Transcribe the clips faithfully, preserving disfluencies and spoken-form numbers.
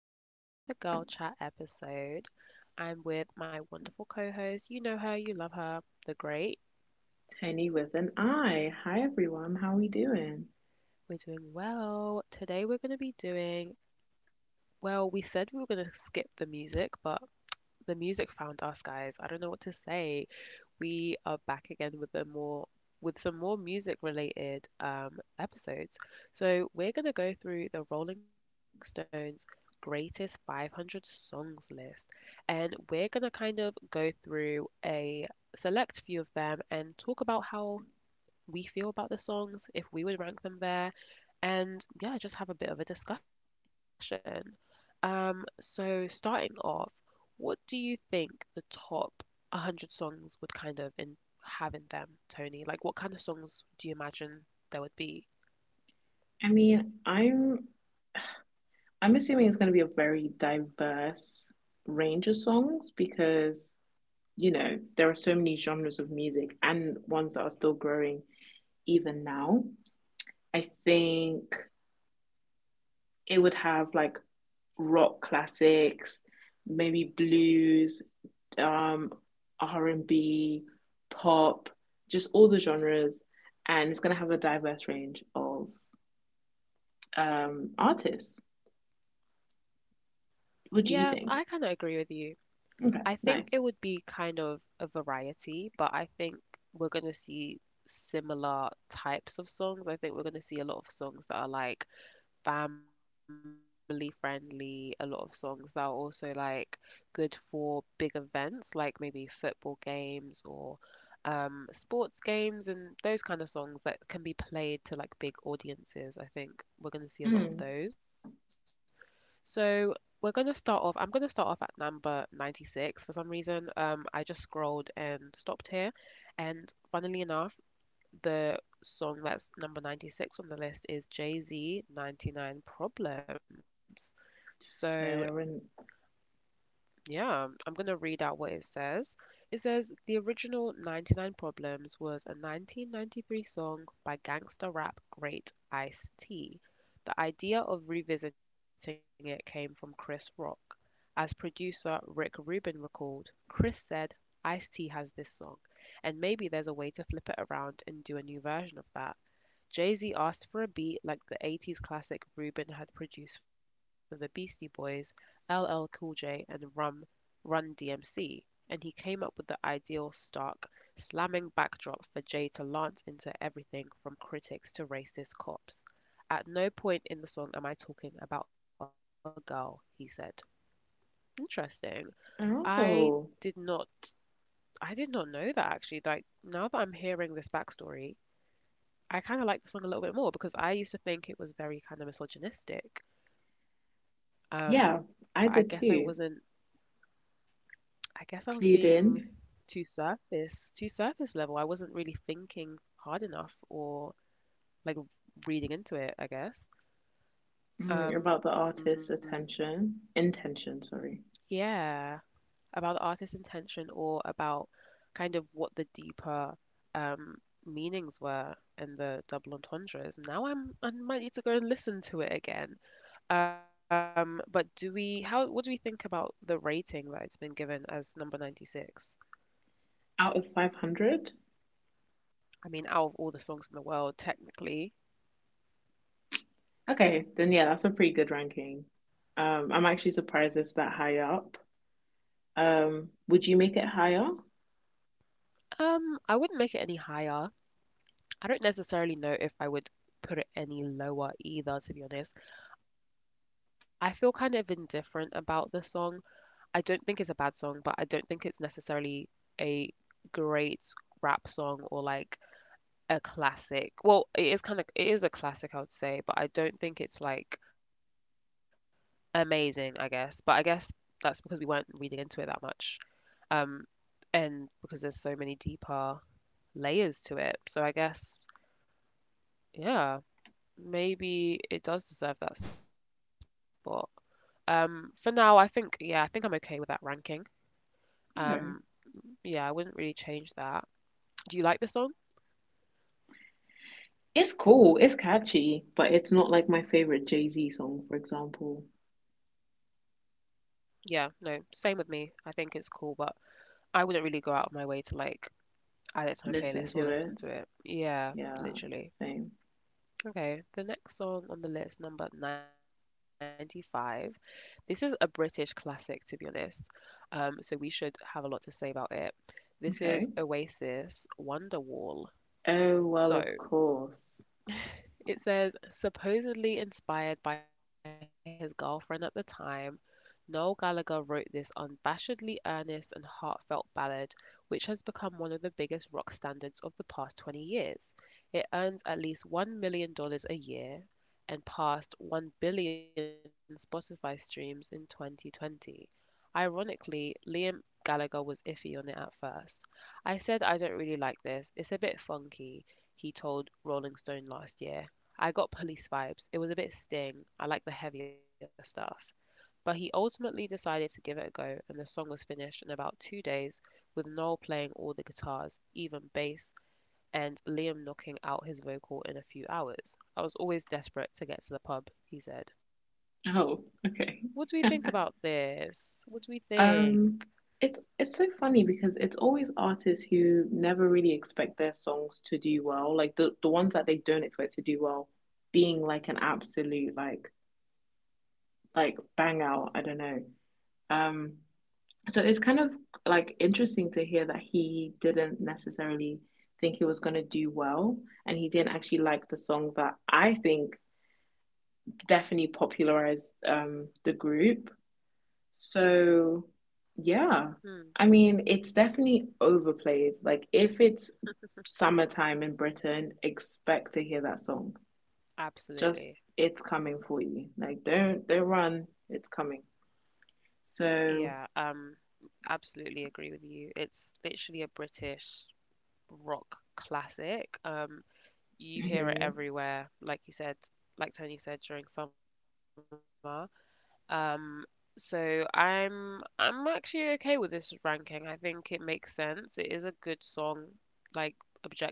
back again with a girl chat episode. I'm with my wonderful co host. You know her, you love her, the great. Tiny with an I. Hi everyone, how we doing? We're doing well. Today, we're going to be doing well, we said we were going to skip the music, but the music found us, guys. I don't know what to say. We are back again with a more with some more music related um, episodes. So we're gonna go through the Rolling Stones greatest five hundred songs list, and we're gonna kind of go through a select few of them and talk about how we feel about the songs, if we would rank them there, and yeah, just have a bit of a discussion. Um, so starting off, what do you think the top one hundred songs would kind of in have in them, Tony? Like, what kind of songs do you imagine there would be? I mean, I'm I'm assuming it's going to be a very diverse range of songs because, you know, there are so many genres of music and ones that are still growing even now. I think it would have like rock classics, maybe blues, um, R and B, pop, just all the genres, and it's going to have a diverse range of um artists. Yeah, What do I you kind of think? agree with you. I Okay, think it nice. would be kind of a variety, but I think we're going to see similar types of songs. I think we're going to see a lot of songs that are like family friendly, a lot of songs that are also like good for big events, like maybe football games or um, sports games and those kind of songs that can be played to like big audiences. I think we're Mm, going to see a lot of those. So we're going to start off. I'm going to start off at number ninety-six for some reason. Um, I just scrolled and stopped here. And funnily enough, the song that's number ninety-six on the list is Jay Z ninety-nine Problems. So fair. And yeah, I'm going to read out what it says. It says the original ninety-nine Problems was a nineteen ninety-three song by gangster rap great Ice-T. The idea of revisiting it came from Chris Rock. As producer Rick Rubin recalled, Chris said, Ice-T has this song, and maybe there's a way to flip it around and do a new version of that. Jay-Z asked for a beat like the eighties classic Rubin had produced for the Beastie Boys, L L Cool J, and Rum Run D M C, and he came up with the ideal stark, slamming backdrop for Jay to lance into everything from critics to racist cops. At no point in the song am I talking about a girl, he said. Interesting. I oh did not I did not know that actually. Like now that I'm hearing this backstory, I kind of like the song a little bit more because I used to think it was very kind of misogynistic. Um, yeah, but I I guess I did too. wasn't I guess I was Clued being in, too surface, too surface level. I wasn't really thinking hard enough or like reading into it, I guess. mm, about the artist's Um, attention intention. Sorry, yeah, about the artist's intention or about kind of what the deeper um meanings were in the double entendres. Now I'm I might need to go and listen to it again. Um, but do we how what do we think about the rating that it's been given as number ninety-six? out of five hundred. I mean, out of all the songs in the world, technically, Okay, then yeah, that's a pretty good ranking. Um, I'm actually surprised it's that high up. Um, would you make it higher? Um, I wouldn't make it any higher. I don't necessarily know if I would put it any lower either, to be honest. I feel kind of indifferent about the song. I don't think it's a bad song, but I don't think it's necessarily a great rap song or like a classic. Well, it is kind of it is a classic, I would say, but I don't think it's like amazing, I guess. But I guess that's because we weren't reading into it that much. Um, and because there's so many deeper layers to it. So I guess, yeah, maybe it does deserve that spot. Um, for now, I think, yeah, I think I'm okay with that ranking. Okay. Um, yeah, I wouldn't really change that. Do you like the song? It's cool, it's catchy, but it's not like my favorite Jay-Z song, for example. Yeah, no, same with me. I think it's cool, but I wouldn't really go out of my way to like Listen to add it it. to my playlist or listen to it. Yeah, Yeah, same. literally. Okay, the next song on the list, number ninety-five. This is a British classic, to be honest. Um, so we should have a lot to say about it. Okay. This is Oasis Oh, Wonderwall. well, of So, course. it says, supposedly inspired by his girlfriend at the time, Noel Gallagher wrote this unabashedly earnest and heartfelt ballad, which has become one of the biggest rock standards of the past twenty years. It earns at least $1 million dollars a year and passed one billion Spotify streams in twenty twenty. Ironically, Liam Gallagher was iffy on it at first. I said I don't really like this, it's a bit funky, he told Rolling Stone last year. I got police vibes. It was a bit sting. I like the heavier stuff. But he ultimately decided to give it a go, and the song was finished in about two days with Noel playing all the guitars, even bass, and Liam knocking out his vocal in a few hours. I was always desperate to get to the pub, he said. Oh, What do we okay. think about this? What do we think? Um, it's it's so funny because it's always artists who never really expect their songs to do well, like the the ones that they don't expect to do well, being like an absolute like like bang out. I don't know. Um, so it's kind of like interesting to hear that he didn't necessarily think he was going to do well, and he didn't actually like the song that I think definitely popularized um the group. So, yeah. Hmm, I mean, it's definitely overplayed. Like, if it's summertime in Britain, expect to hear that song. Just, absolutely. it's coming for you. Like, don't don't run. It's coming. Yeah, So, um, absolutely agree with you. It's literally a British rock classic. Um, you hear it mhm, everywhere, like you said, like Tony said during summer. Um, so I'm I'm actually okay with this ranking. I think it makes sense. It is a good song, like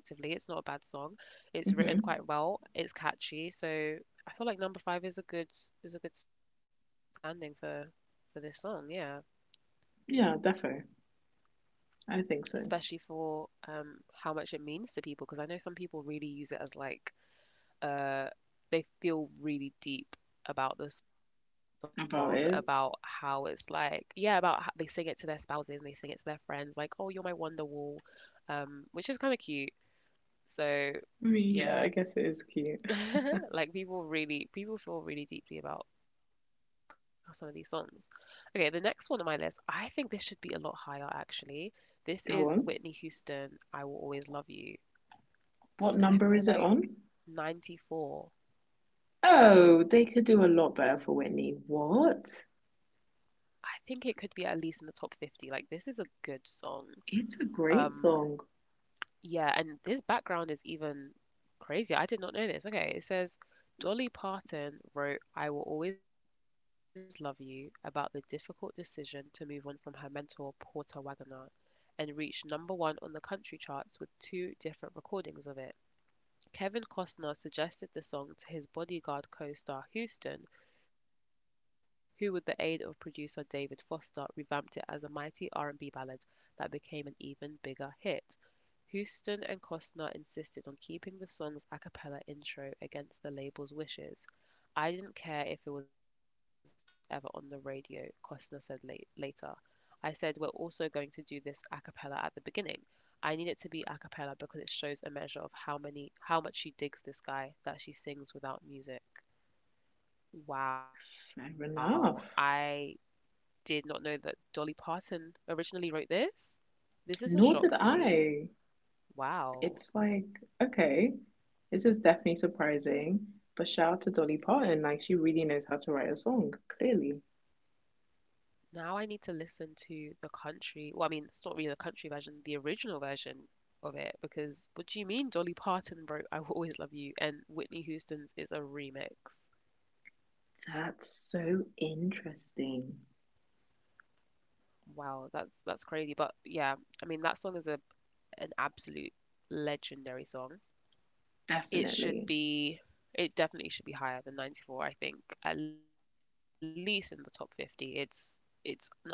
objectively, it's not a bad song. mhm. It's written quite well. It's catchy. So I feel like number five is a good is a good standing for for this song. Yeah, Yeah, defo. I think so. especially for um how much it means to people because I know some people really use it as like uh they feel really deep about the song, about how About it's it. like, yeah, about how they sing it to their spouses and they sing it to their friends like, oh, you're my wonderwall, um which is kind of cute so I mean, yeah, yeah. I guess it is cute. Like people really people feel really deeply about some of these songs. Okay, the next one on my list, I think this should be a lot higher actually. This is Whitney Go on. Houston, I Will Always Love You. What And I number feel is it like on? ninety-four. Oh, they could do a lot better for Whitney. What? I think it could be at least in the top fifty. Like this is a good song. It's a Um great song. yeah, and this background is even crazier. I did not know this. Okay, it says Dolly Parton wrote I Will Always Love You about the difficult decision to move on from her mentor Porter Wagoner and reached number one on the country charts with two different recordings of it. Kevin Costner suggested the song to his Bodyguard co-star Houston, who with the aid of producer David Foster revamped it as a mighty R and B ballad that became an even bigger hit. Houston and Costner insisted on keeping the song's a cappella intro against the label's wishes. I didn't care if it was ever on the radio, Costner said late, later. I said, We're also going to do this a cappella at the beginning. I need it to be a cappella because it shows a measure of how many how much she digs this guy that she sings without music. Wow, Fair I enough. did not know that Dolly Parton originally wrote this. This is a shock Nor to did me. I. Wow. It's like, okay, this is definitely surprising. But shout out to Dolly Parton, like she really knows how to write a song, clearly. Now I need to listen to the country, well, I mean, it's not really the country version, the original version of it, because what do you mean Dolly Parton wrote I Will Always Love You and Whitney Houston's is a remix. That's so interesting. Wow, that's that's crazy. But yeah, I mean that song is a an absolute legendary song. It should Definitely. be it definitely should be higher than ninety-four, I think, at least in the top fifty. It's it's an unbelievable song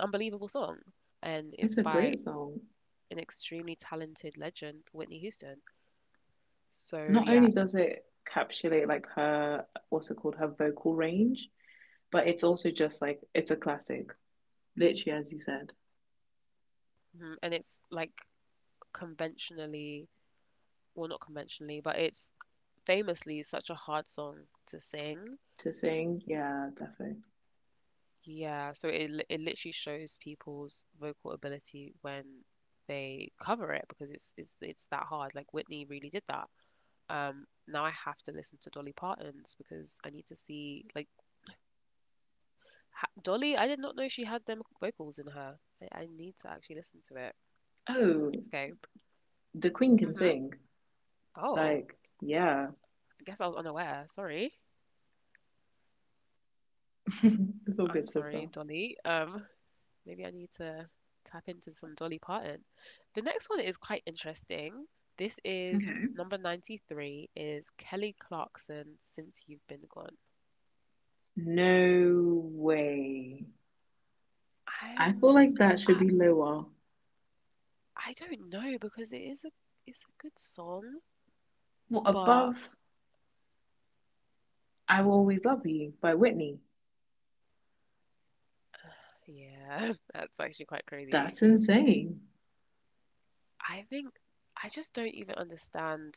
and it's It's by a great song. an extremely talented legend, Whitney Houston. So Not yeah, only does it encapsulate like her, what's it called, her vocal range, but it's also just like it's a classic. Literally, as you said, mhm, and it's like conventionally, well, not conventionally, but it's famously such a hard song to sing. to sing, yeah, definitely. Yeah, so it li- it literally shows people's vocal ability when they cover it because it's it's it's that hard. Like Whitney really did that. Um, now I have to listen to Dolly Parton's because I need to see like, ha, Dolly, I did not know she had them vocals in her. I, I need to actually listen to it. Oh, Okay. the Queen can sing. Mm-hmm. Like, Oh, yeah. I guess I was unaware. Sorry. I'm It's all good, sorry, sister. Dolly. Um, maybe I need to tap into some Dolly Parton. The next one is quite interesting. This Okay. is Number ninety-three is Kelly Clarkson, Since You've Been Gone. No way. I'm I feel like that I should be lower. I don't know because it is a it's a good song, Well, above but I Will Always Love You by Whitney. yeah, that's actually quite crazy. That's insane. I think I just don't even understand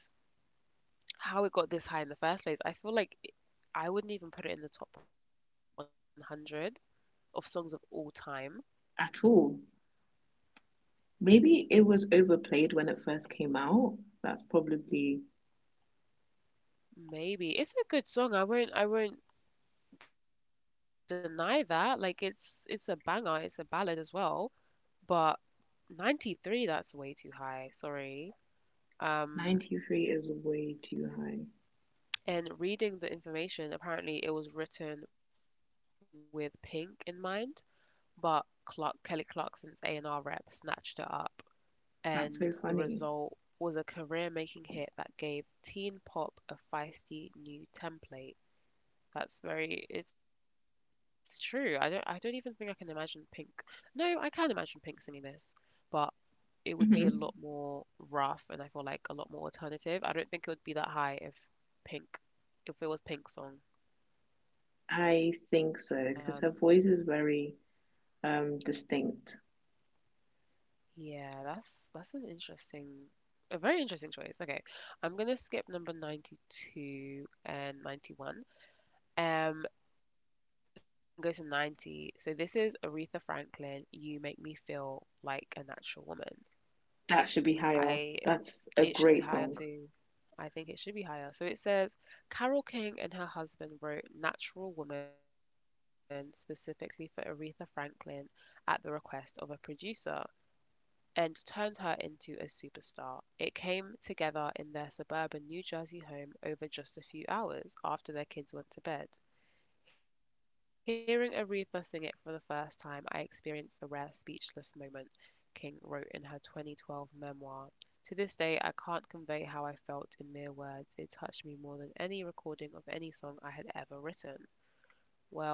how it got this high in the first place. I feel like it- I wouldn't even put it in the top one hundred of songs of all time. At all. Maybe it was overplayed when it first came out. That's probably Maybe it's a good song. I won't I won't deny that. Like it's it's a banger. It's a ballad as well. But ninety-three, that's way too high. Sorry. Um, ninety-three is way too high. and reading the information, apparently it was written with Pink in mind. But Clark Kelly Clarkson's A and R rep snatched her up, and That's the so funny. result was a career-making hit that gave teen pop a feisty new template. That's very It's true. I don't I don't even think I can imagine Pink. No, I can imagine Pink singing this, but it would be a lot Hmm. more rough, and I feel like a lot more alternative. I don't think it would be that high if Pink if it was Pink's song. I Um, think so because her voice is very um distinct. Yeah, that's that's an interesting, a very interesting choice. Okay, I'm gonna skip number ninety-two and ninety-one, um, and go to ninety. So this is Aretha Franklin, You Make Me Feel Like a Natural Woman. That should be higher. I That's a great song. It should be higher too. I think it should be higher. So it says Carol King and her husband wrote Natural Woman specifically for Aretha Franklin at the request of a producer, and turned her into a superstar. It came together in their suburban New Jersey home over just a few hours after their kids went to bed. Hearing Aretha sing it for the first time, I experienced a rare speechless moment, King wrote in her twenty twelve memoir. To this day, I can't convey how I felt in mere words. It touched me more than any recording of any song I had ever written.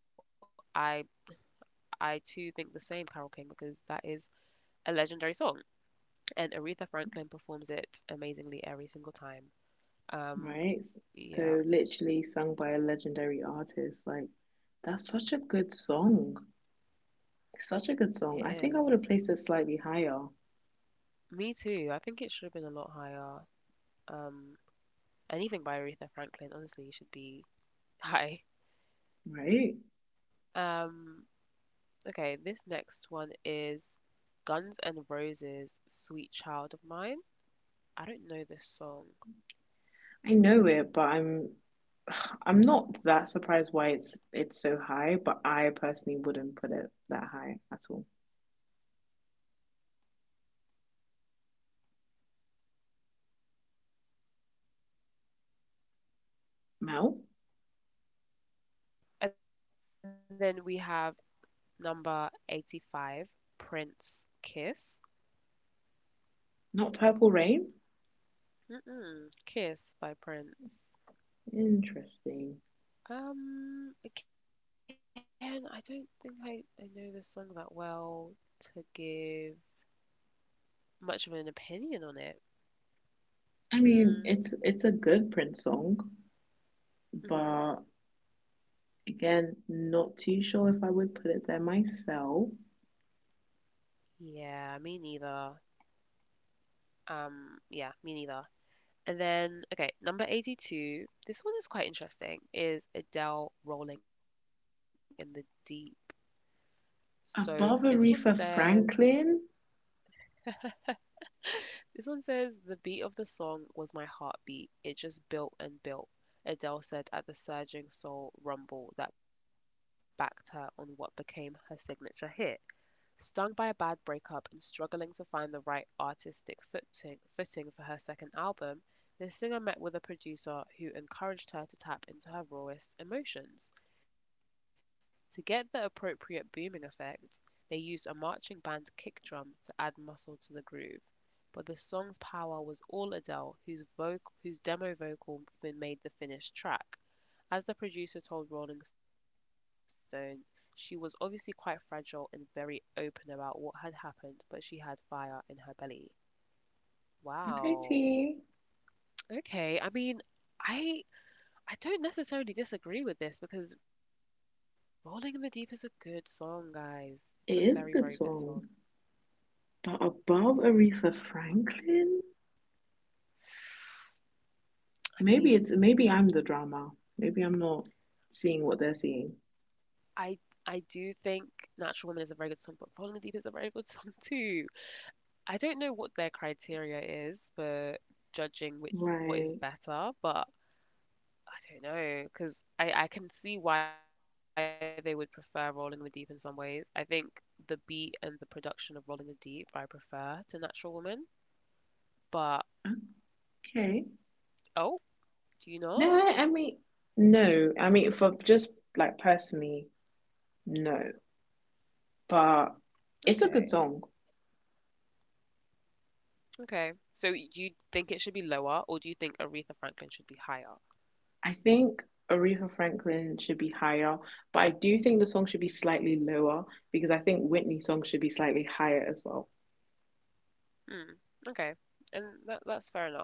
Well, I I too think the same, Carol King, because that is a legendary song, and Aretha Franklin performs it amazingly every single time. Right. S- So Um, literally sung by yeah, a legendary artist. Like that's such a good song. Such a good song. I think I would have it placed it slightly is. higher, Me too. I think it should have been a lot higher. Um, Anything by Aretha Franklin, honestly, should be high. right? Um, okay, this next one is Guns N' Roses' "Sweet Child of Mine." I don't know this song. I know it, but I'm I'm not that surprised why it's it's so high, but I personally wouldn't put it that high at all. Mel? And then we have number eighty-five, Prince, "Kiss." Not Purple Rain? Mm-mm, "Kiss" by Prince. Interesting. Um, again, I don't think I, I know the song that well to give much of an opinion on it. I Hmm. mean, it's it's a good Prince song, Hmm. but again, not too sure if I would put it there myself. Yeah, me neither. Um, yeah, Me neither. And then, okay, number eighty-two. This one is quite interesting, is Adele Rolling in the Deep. So this one Above says, Aretha Franklin, This one says the beat of the song was my heartbeat. It just built and built. Adele said at the surging soul rumble that backed her on what became her signature hit. Stung by a bad breakup and struggling to find the right artistic footing, footing for her second album, the singer met with a producer who encouraged her to tap into her rawest emotions. To get the appropriate booming effect, they used a marching band kick drum to add muscle to the groove, but the song's power was all Adele, whose vocal, whose demo vocal made the finished track. As the producer told Rolling Stone, she was obviously quite fragile and very open about what had happened, but she had fire in her belly. FAT Wow. it Okay, I mean, I I don't necessarily disagree with this because Rolling in the Deep is a good song, guys. It's a very, very good is a good song. song, but above Aretha Franklin, I maybe mean, it's maybe I'm the drama. Maybe I'm not seeing what they're I seeing. I do think Natural Woman is a very good song, but Rolling in the Deep is a very good song too. I don't know what their criteria is for judging which what is Right. better, but I don't know because I I can see why they would prefer Rolling in the Deep in some ways. I think the beat and the production of Rolling in the Deep I prefer to Natural Woman, but Okay. Oh, do you not? No, I mean, no. I mean, for just like personally, no. But Okay, it's a good song. okay. So y- do you think it should be lower, or do you think Aretha Franklin should be higher? I think Aretha Franklin should be higher, but I do think the song should be slightly lower because I think Whitney's song should be slightly higher as well. Hmm. Okay, and that that's fair enough.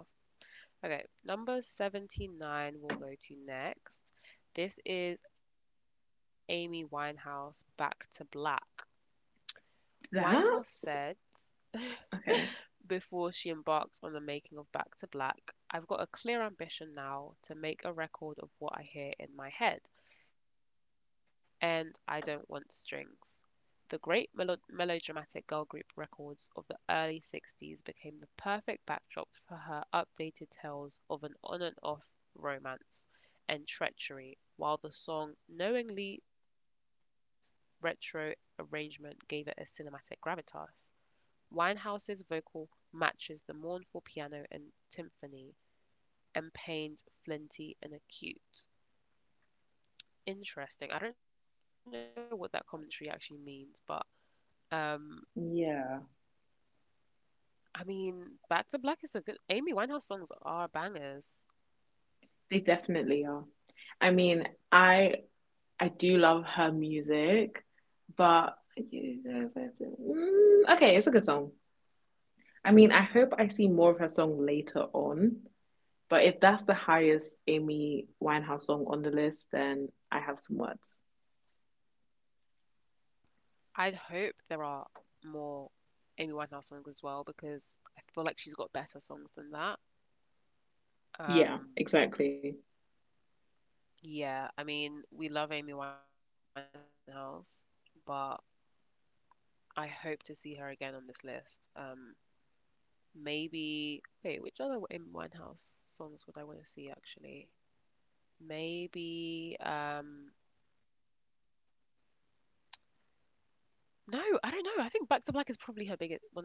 Okay, number seventy-nine we'll go to next. This is Amy Winehouse, Back to Black. Winehouse That? said, Okay. before she embarked on the making of Back to Black, I've got a clear ambition now to make a record of what I hear in my head, and I don't want strings. The great melo- melodramatic girl group records of the early sixties became the perfect backdrop for her updated tales of an on and off romance and treachery, while the song knowingly retro arrangement gave it a cinematic gravitas. Winehouse's vocal matches the mournful piano and timpani, and Payne's flinty and acute. Interesting. I don't know what that commentary actually means, but um, Yeah. I mean, Back to Black is a good. Amy Winehouse songs are bangers. They definitely are. I mean, I I do love her music, but mm, okay, it's a good song. I mean, I hope I see more of her song later on, but if that's the highest Amy Winehouse song on the list, then I have some words. I'd hope there are more Amy Winehouse songs as well because I feel like she's got better songs than that. Yeah, Um, exactly. yeah, I mean, we love Amy Winehouse, but I hope to see her again on this list. Um, maybe. Wait, which other Amy Winehouse songs would I want to see actually? Maybe. Um, no, I don't know. I think Back to Black is probably her biggest, one of her biggest songs,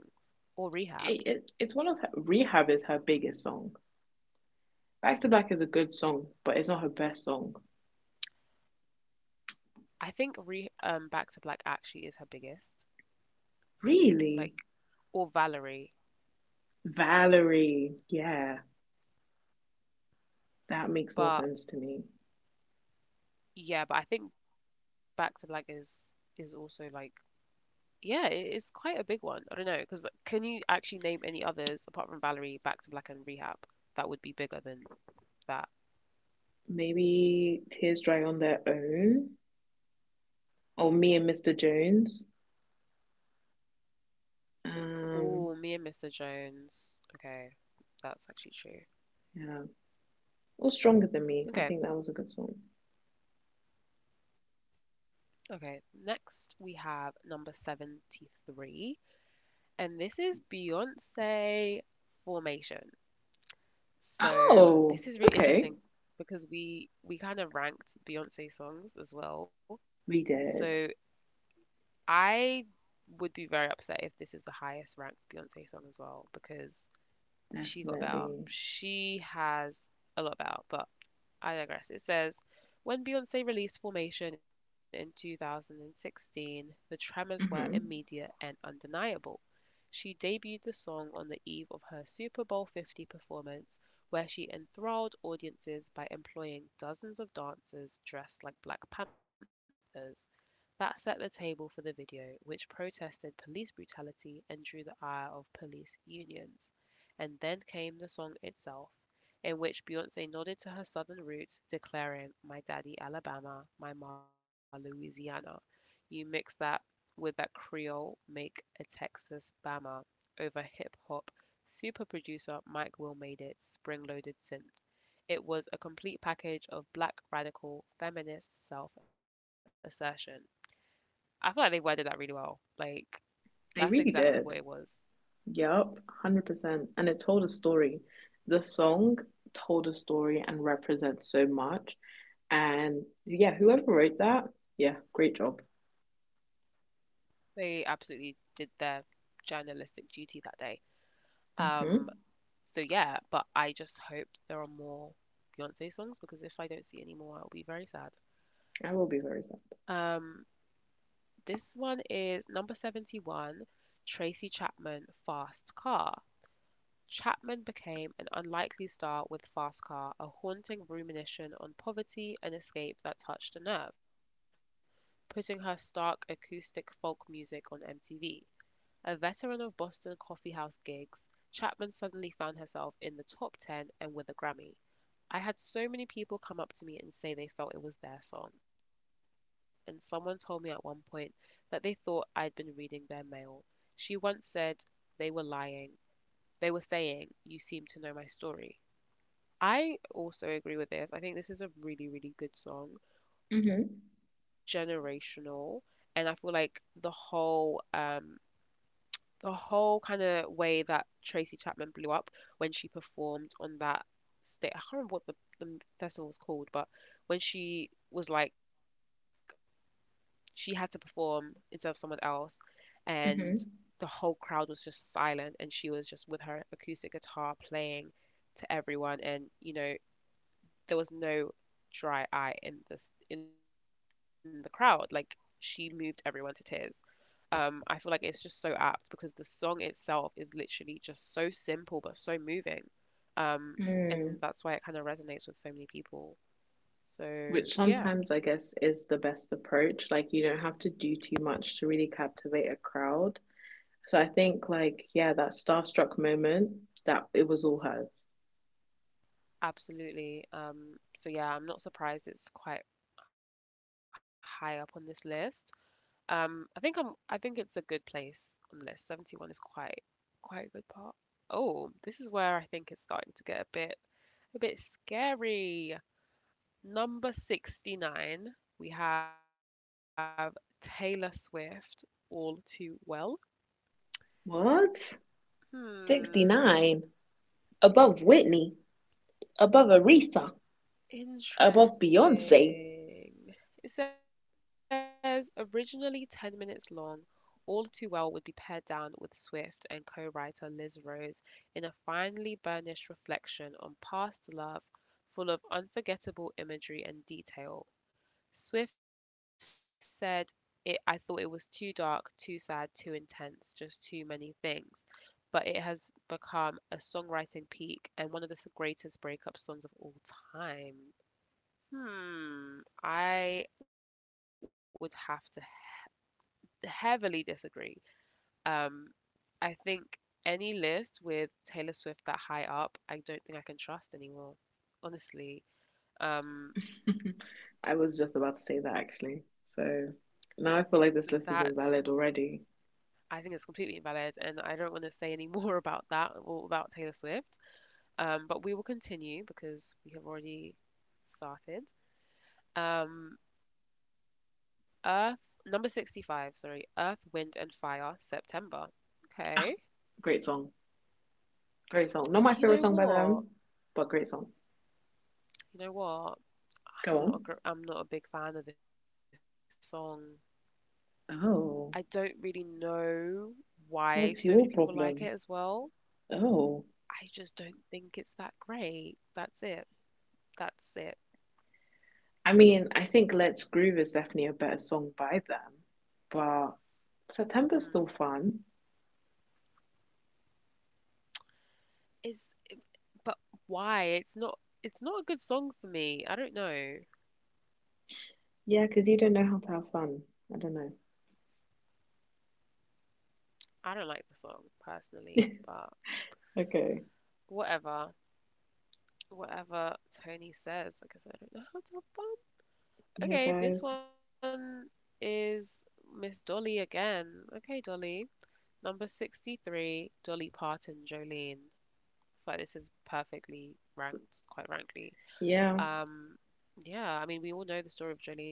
or Rehab. It, it, it's one of her, Rehab is her biggest song. Back to Back is a good song, but it's not her best song. I think re um Back to Black actually is her biggest, like, Really? or Valerie. Valerie. Yeah. That makes more But sense to me. yeah, but I think Back to Black is is also like, yeah, it is quite a big one. I don't know because can you actually name any others apart from Valerie, Back to Black, and Rehab that would be bigger than that? Maybe Tears Dry on their own, or me and Mister Jones. Um, Oh, me and Mister Jones. Okay, that's actually true. yeah, or Stronger Than Me. I think that Okay, was a good song. okay. Next we have number seventy-three, and this is Beyonce Formation. So Oh, this is really okay. interesting because we we kind of ranked Beyonce songs as well. We did, So I would be very upset if this is the highest ranked Beyonce song as well because she got better. definitely. She has a lot better, but I digress. It says when Beyonce released Formation in two thousand sixteen, the tremors were hmm immediate and undeniable. She debuted the song on the eve of her Super Bowl fifty performance, where she enthralled audiences by employing dozens of dancers dressed like Black Panthers. That set the table for the video, which protested police brutality and drew the ire of police unions. And then came the song itself, in which Beyonce nodded to her southern roots, declaring, My daddy Alabama, my ma Louisiana. You mix that with that Creole make a Texas Bama over hip hop. Super producer Mike Will made it spring loaded synth. It was a complete package of black radical feminist self assertion. I feel like they worded that really well. Like, They really that's did. exactly what it was. Yup, one hundred percent. And it told a story. The song told a story and represents so much. And yeah, whoever wrote that, yeah, great job. They absolutely did their journalistic duty that day. hmm Um, so yeah, but I just hope there are more Beyonce songs because if I don't see any more, I'll be very sad. I will be very sad. Um, This one is number seventy-one, Tracy Chapman, Fast Car. Chapman became an unlikely star with Fast Car, a haunting rumination on poverty and escape that touched a nerve, putting her stark acoustic folk music on M T V. A veteran of Boston coffeehouse gigs, Chapman suddenly found herself in the top ten and with a Grammy. I had so many people come up to me and say they felt it was their song, and someone told me at one point that they thought I'd been reading their mail, she once said. They were lying. They were saying, You seem to know my story. I also agree with this. I think this is a really, really good Hmm. song, generational. And I feel like the whole um, the whole kind of way that Tracy Chapman blew up when she performed on that state. I can't remember what the, the festival was called, but when she was like, she had to perform instead of someone else, Hmm. and the whole crowd was just silent, and she was just with her acoustic guitar playing to everyone, and you know, there was no dry eye in this in the crowd. Like, she moved everyone to tears. um, I feel like it's just so apt because the song itself is literally just so simple but so moving. Um, Mm. and that's why it kind of resonates with so many people. Which So sometimes I yeah, guess is the best approach. Like you don't have to do too much to really captivate a crowd. So I think like yeah, that starstruck moment that it was all hers. absolutely. Um, so yeah, I'm not surprised it's quite high up on this list. Um, I think I'm I think it's a good place on the list. seventy-one is quite quite a good part. Oh, this is where I think it's starting to get a bit a bit scary. Number sixty-nine, we have Taylor Swift, All Too Well. What? Hmm, sixty-nine above Whitney, above Aretha, above Beyonce. interesting. It says originally ten minutes long, All Too Well would be pared down with Swift and co-writer Liz Rose in a finely burnished reflection on past love, full of unforgettable imagery and detail. Swift said, it, I thought it was too dark, too sad, too intense, just too many things. But it has become a songwriting peak and one of the greatest breakup songs of all time. Hmm, I would have to heavily disagree. Um, I think any list with Taylor Swift that high up, I don't think I can trust anymore. Honestly, um, I was just about to say that actually. So now I that's feel like this list is invalid already. I think it's completely invalid, and I don't want to say any more about that or about Taylor Swift. Um, but we will continue because we have already started. Um, Earth Number sixty-five, sorry, Earth, Wind and Fire, September. Okay. Ah, great song. Great song. You Not my know favorite song by what? them, but great song. You know what? I'm Go not a on. gr- I'm not a big fan of this song. I don't really Oh. know why so many people like it What's as your well. problem? I just Oh, don't think it's that great. That's it. That's it. I mean, I think Let's Groove is definitely a better song by them, but Mm. September's still fun. Is eh, but Why? It's not it's not a good song for me. I don't know. Yeah, because you don't know how to have fun. I don't know. I don't like the song personally, but Okay. whatever. Whatever Tony says, I guess I don't know how to have fun. Okay, this Yeah, one guys. is Miss Dolly again. Okay, Dolly. Number sixty-three, Dolly Parton, Jolene. I feel like this is perfectly ranked, quite rankly. Yeah, Um, yeah, I mean, we all know the story of Jolene,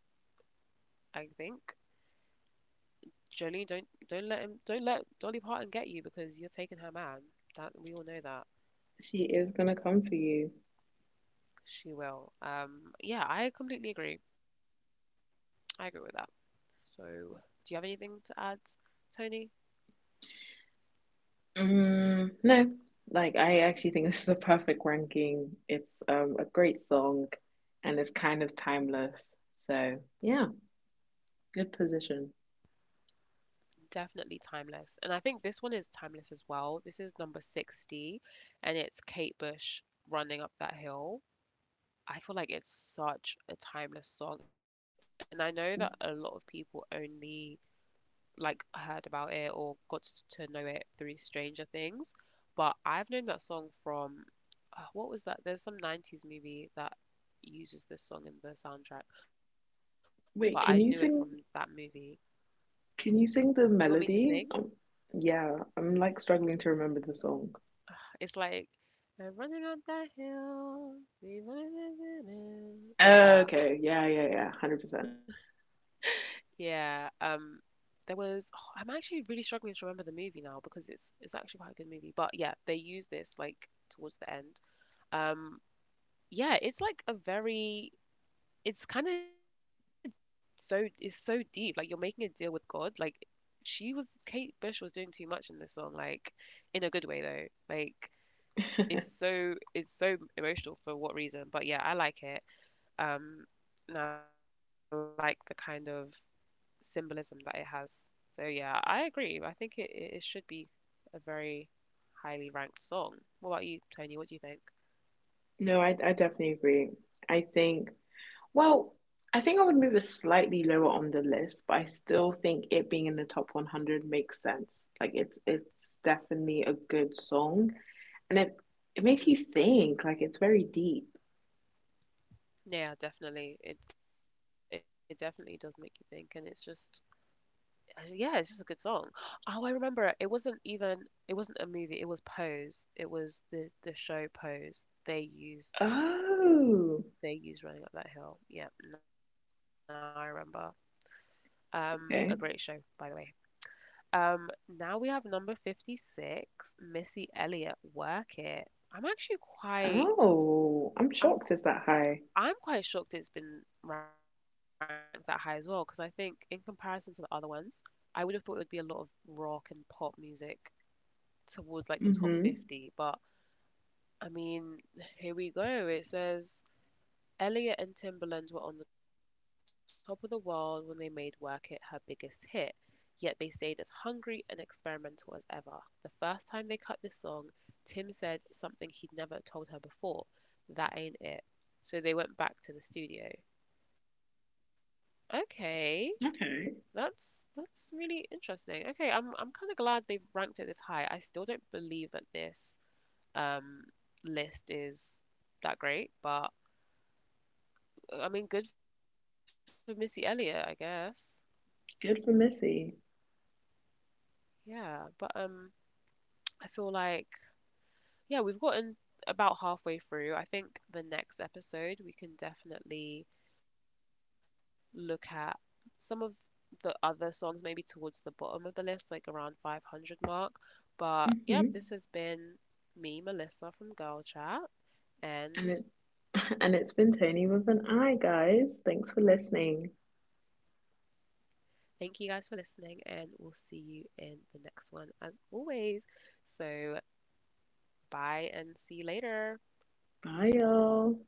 I think. Jolene, don't don't let him don't let Dolly Parton get you because you're taking her man. That we all know that she is gonna come for you. she will. Um, yeah, I completely agree. I agree with that. So, do you have anything to add, Tony? Mm, no, like I actually think this is a perfect ranking. It's um a great song, and it's kind of timeless. So yeah, good position. Definitely timeless, and I think this one is timeless as well. This is number sixty, and it's Kate Bush running up that hill. I feel like it's such a timeless song, and I know that a lot of people only like heard about it or got t- to know it through Stranger Things, but I've known that song from uh, what was that? There's some nineties movie that uses this song in the soundtrack, but I knew it from that Wait, can you movie. sing Can you You want me sing to the sing? melody? Um, yeah, I'm like struggling to remember the song. It's like I'm running on that hill, we running in the wind," like that. Okay, yeah, yeah, yeah, one hundred percent. Yeah. Um. There was. Oh, I'm actually really struggling to remember the movie now because it's it's actually quite a good movie. But yeah, they use this like towards the end. Um. Yeah, it's like a very it's kind of so it's so deep. Like you're making a deal with God. Like she was Kate Bush was doing too much in this song, like in a good way though. Like it's so it's so emotional for what reason? But yeah, I like it. Um and I like the kind of symbolism that it has. So yeah, I agree. I think it, it it should be a very highly ranked song. What about you, Tony? What do you think? No, I, I definitely agree. I think, well, I think I would move it slightly lower on the list, but I still think it being in the top one hundred makes sense. Like it's it's definitely a good song, and it Mm. it makes you think. Like it's very deep. Yeah, definitely. It it definitely does make you think, and it's just I said, yeah, it's just a good song. Oh, I remember it. It wasn't even It wasn't a movie. It was Pose. It was the the show Pose. They used Oh, They used Running Up That Hill. Yeah, now I remember. Um, a great show, by okay. the way. Um, now we have number fifty-six, Missy Elliott, Work It. I'm actually quite Oh, I'm I'm shocked qu- it's that high. I'm quite shocked it's been ranked that high as well because I think in comparison to the other ones, I would have thought it would be a lot of rock and pop music towards like the top Mm-hmm. fifty. But I mean, here we go. It says Elliott and Timberland were on the top of the world when they made Work It her biggest hit, yet they stayed as hungry and experimental as ever. The first time they cut this song, Tim said something he'd never told her before that ain't it. So they went back to the studio. Okay. That's Okay. That's really interesting. Okay, I'm I'm kind of glad they've ranked it this high. I still don't believe that this um, list is that great, but uh, I mean, good for Missy Elliott, I guess. Good for Missy. Yeah, but um, I feel like yeah, we've gotten about halfway through. I think the next episode we can definitely look at some of the other songs, maybe towards the bottom of the list, like around five hundred mark. But yeah, hmm this has been me, Melissa from Girl Chat, And and it and it's been Tony with an I, guys. Thanks for listening. thank you guys for listening, and we'll see you in the next one as always. So, bye and see you later. Bye, y'all.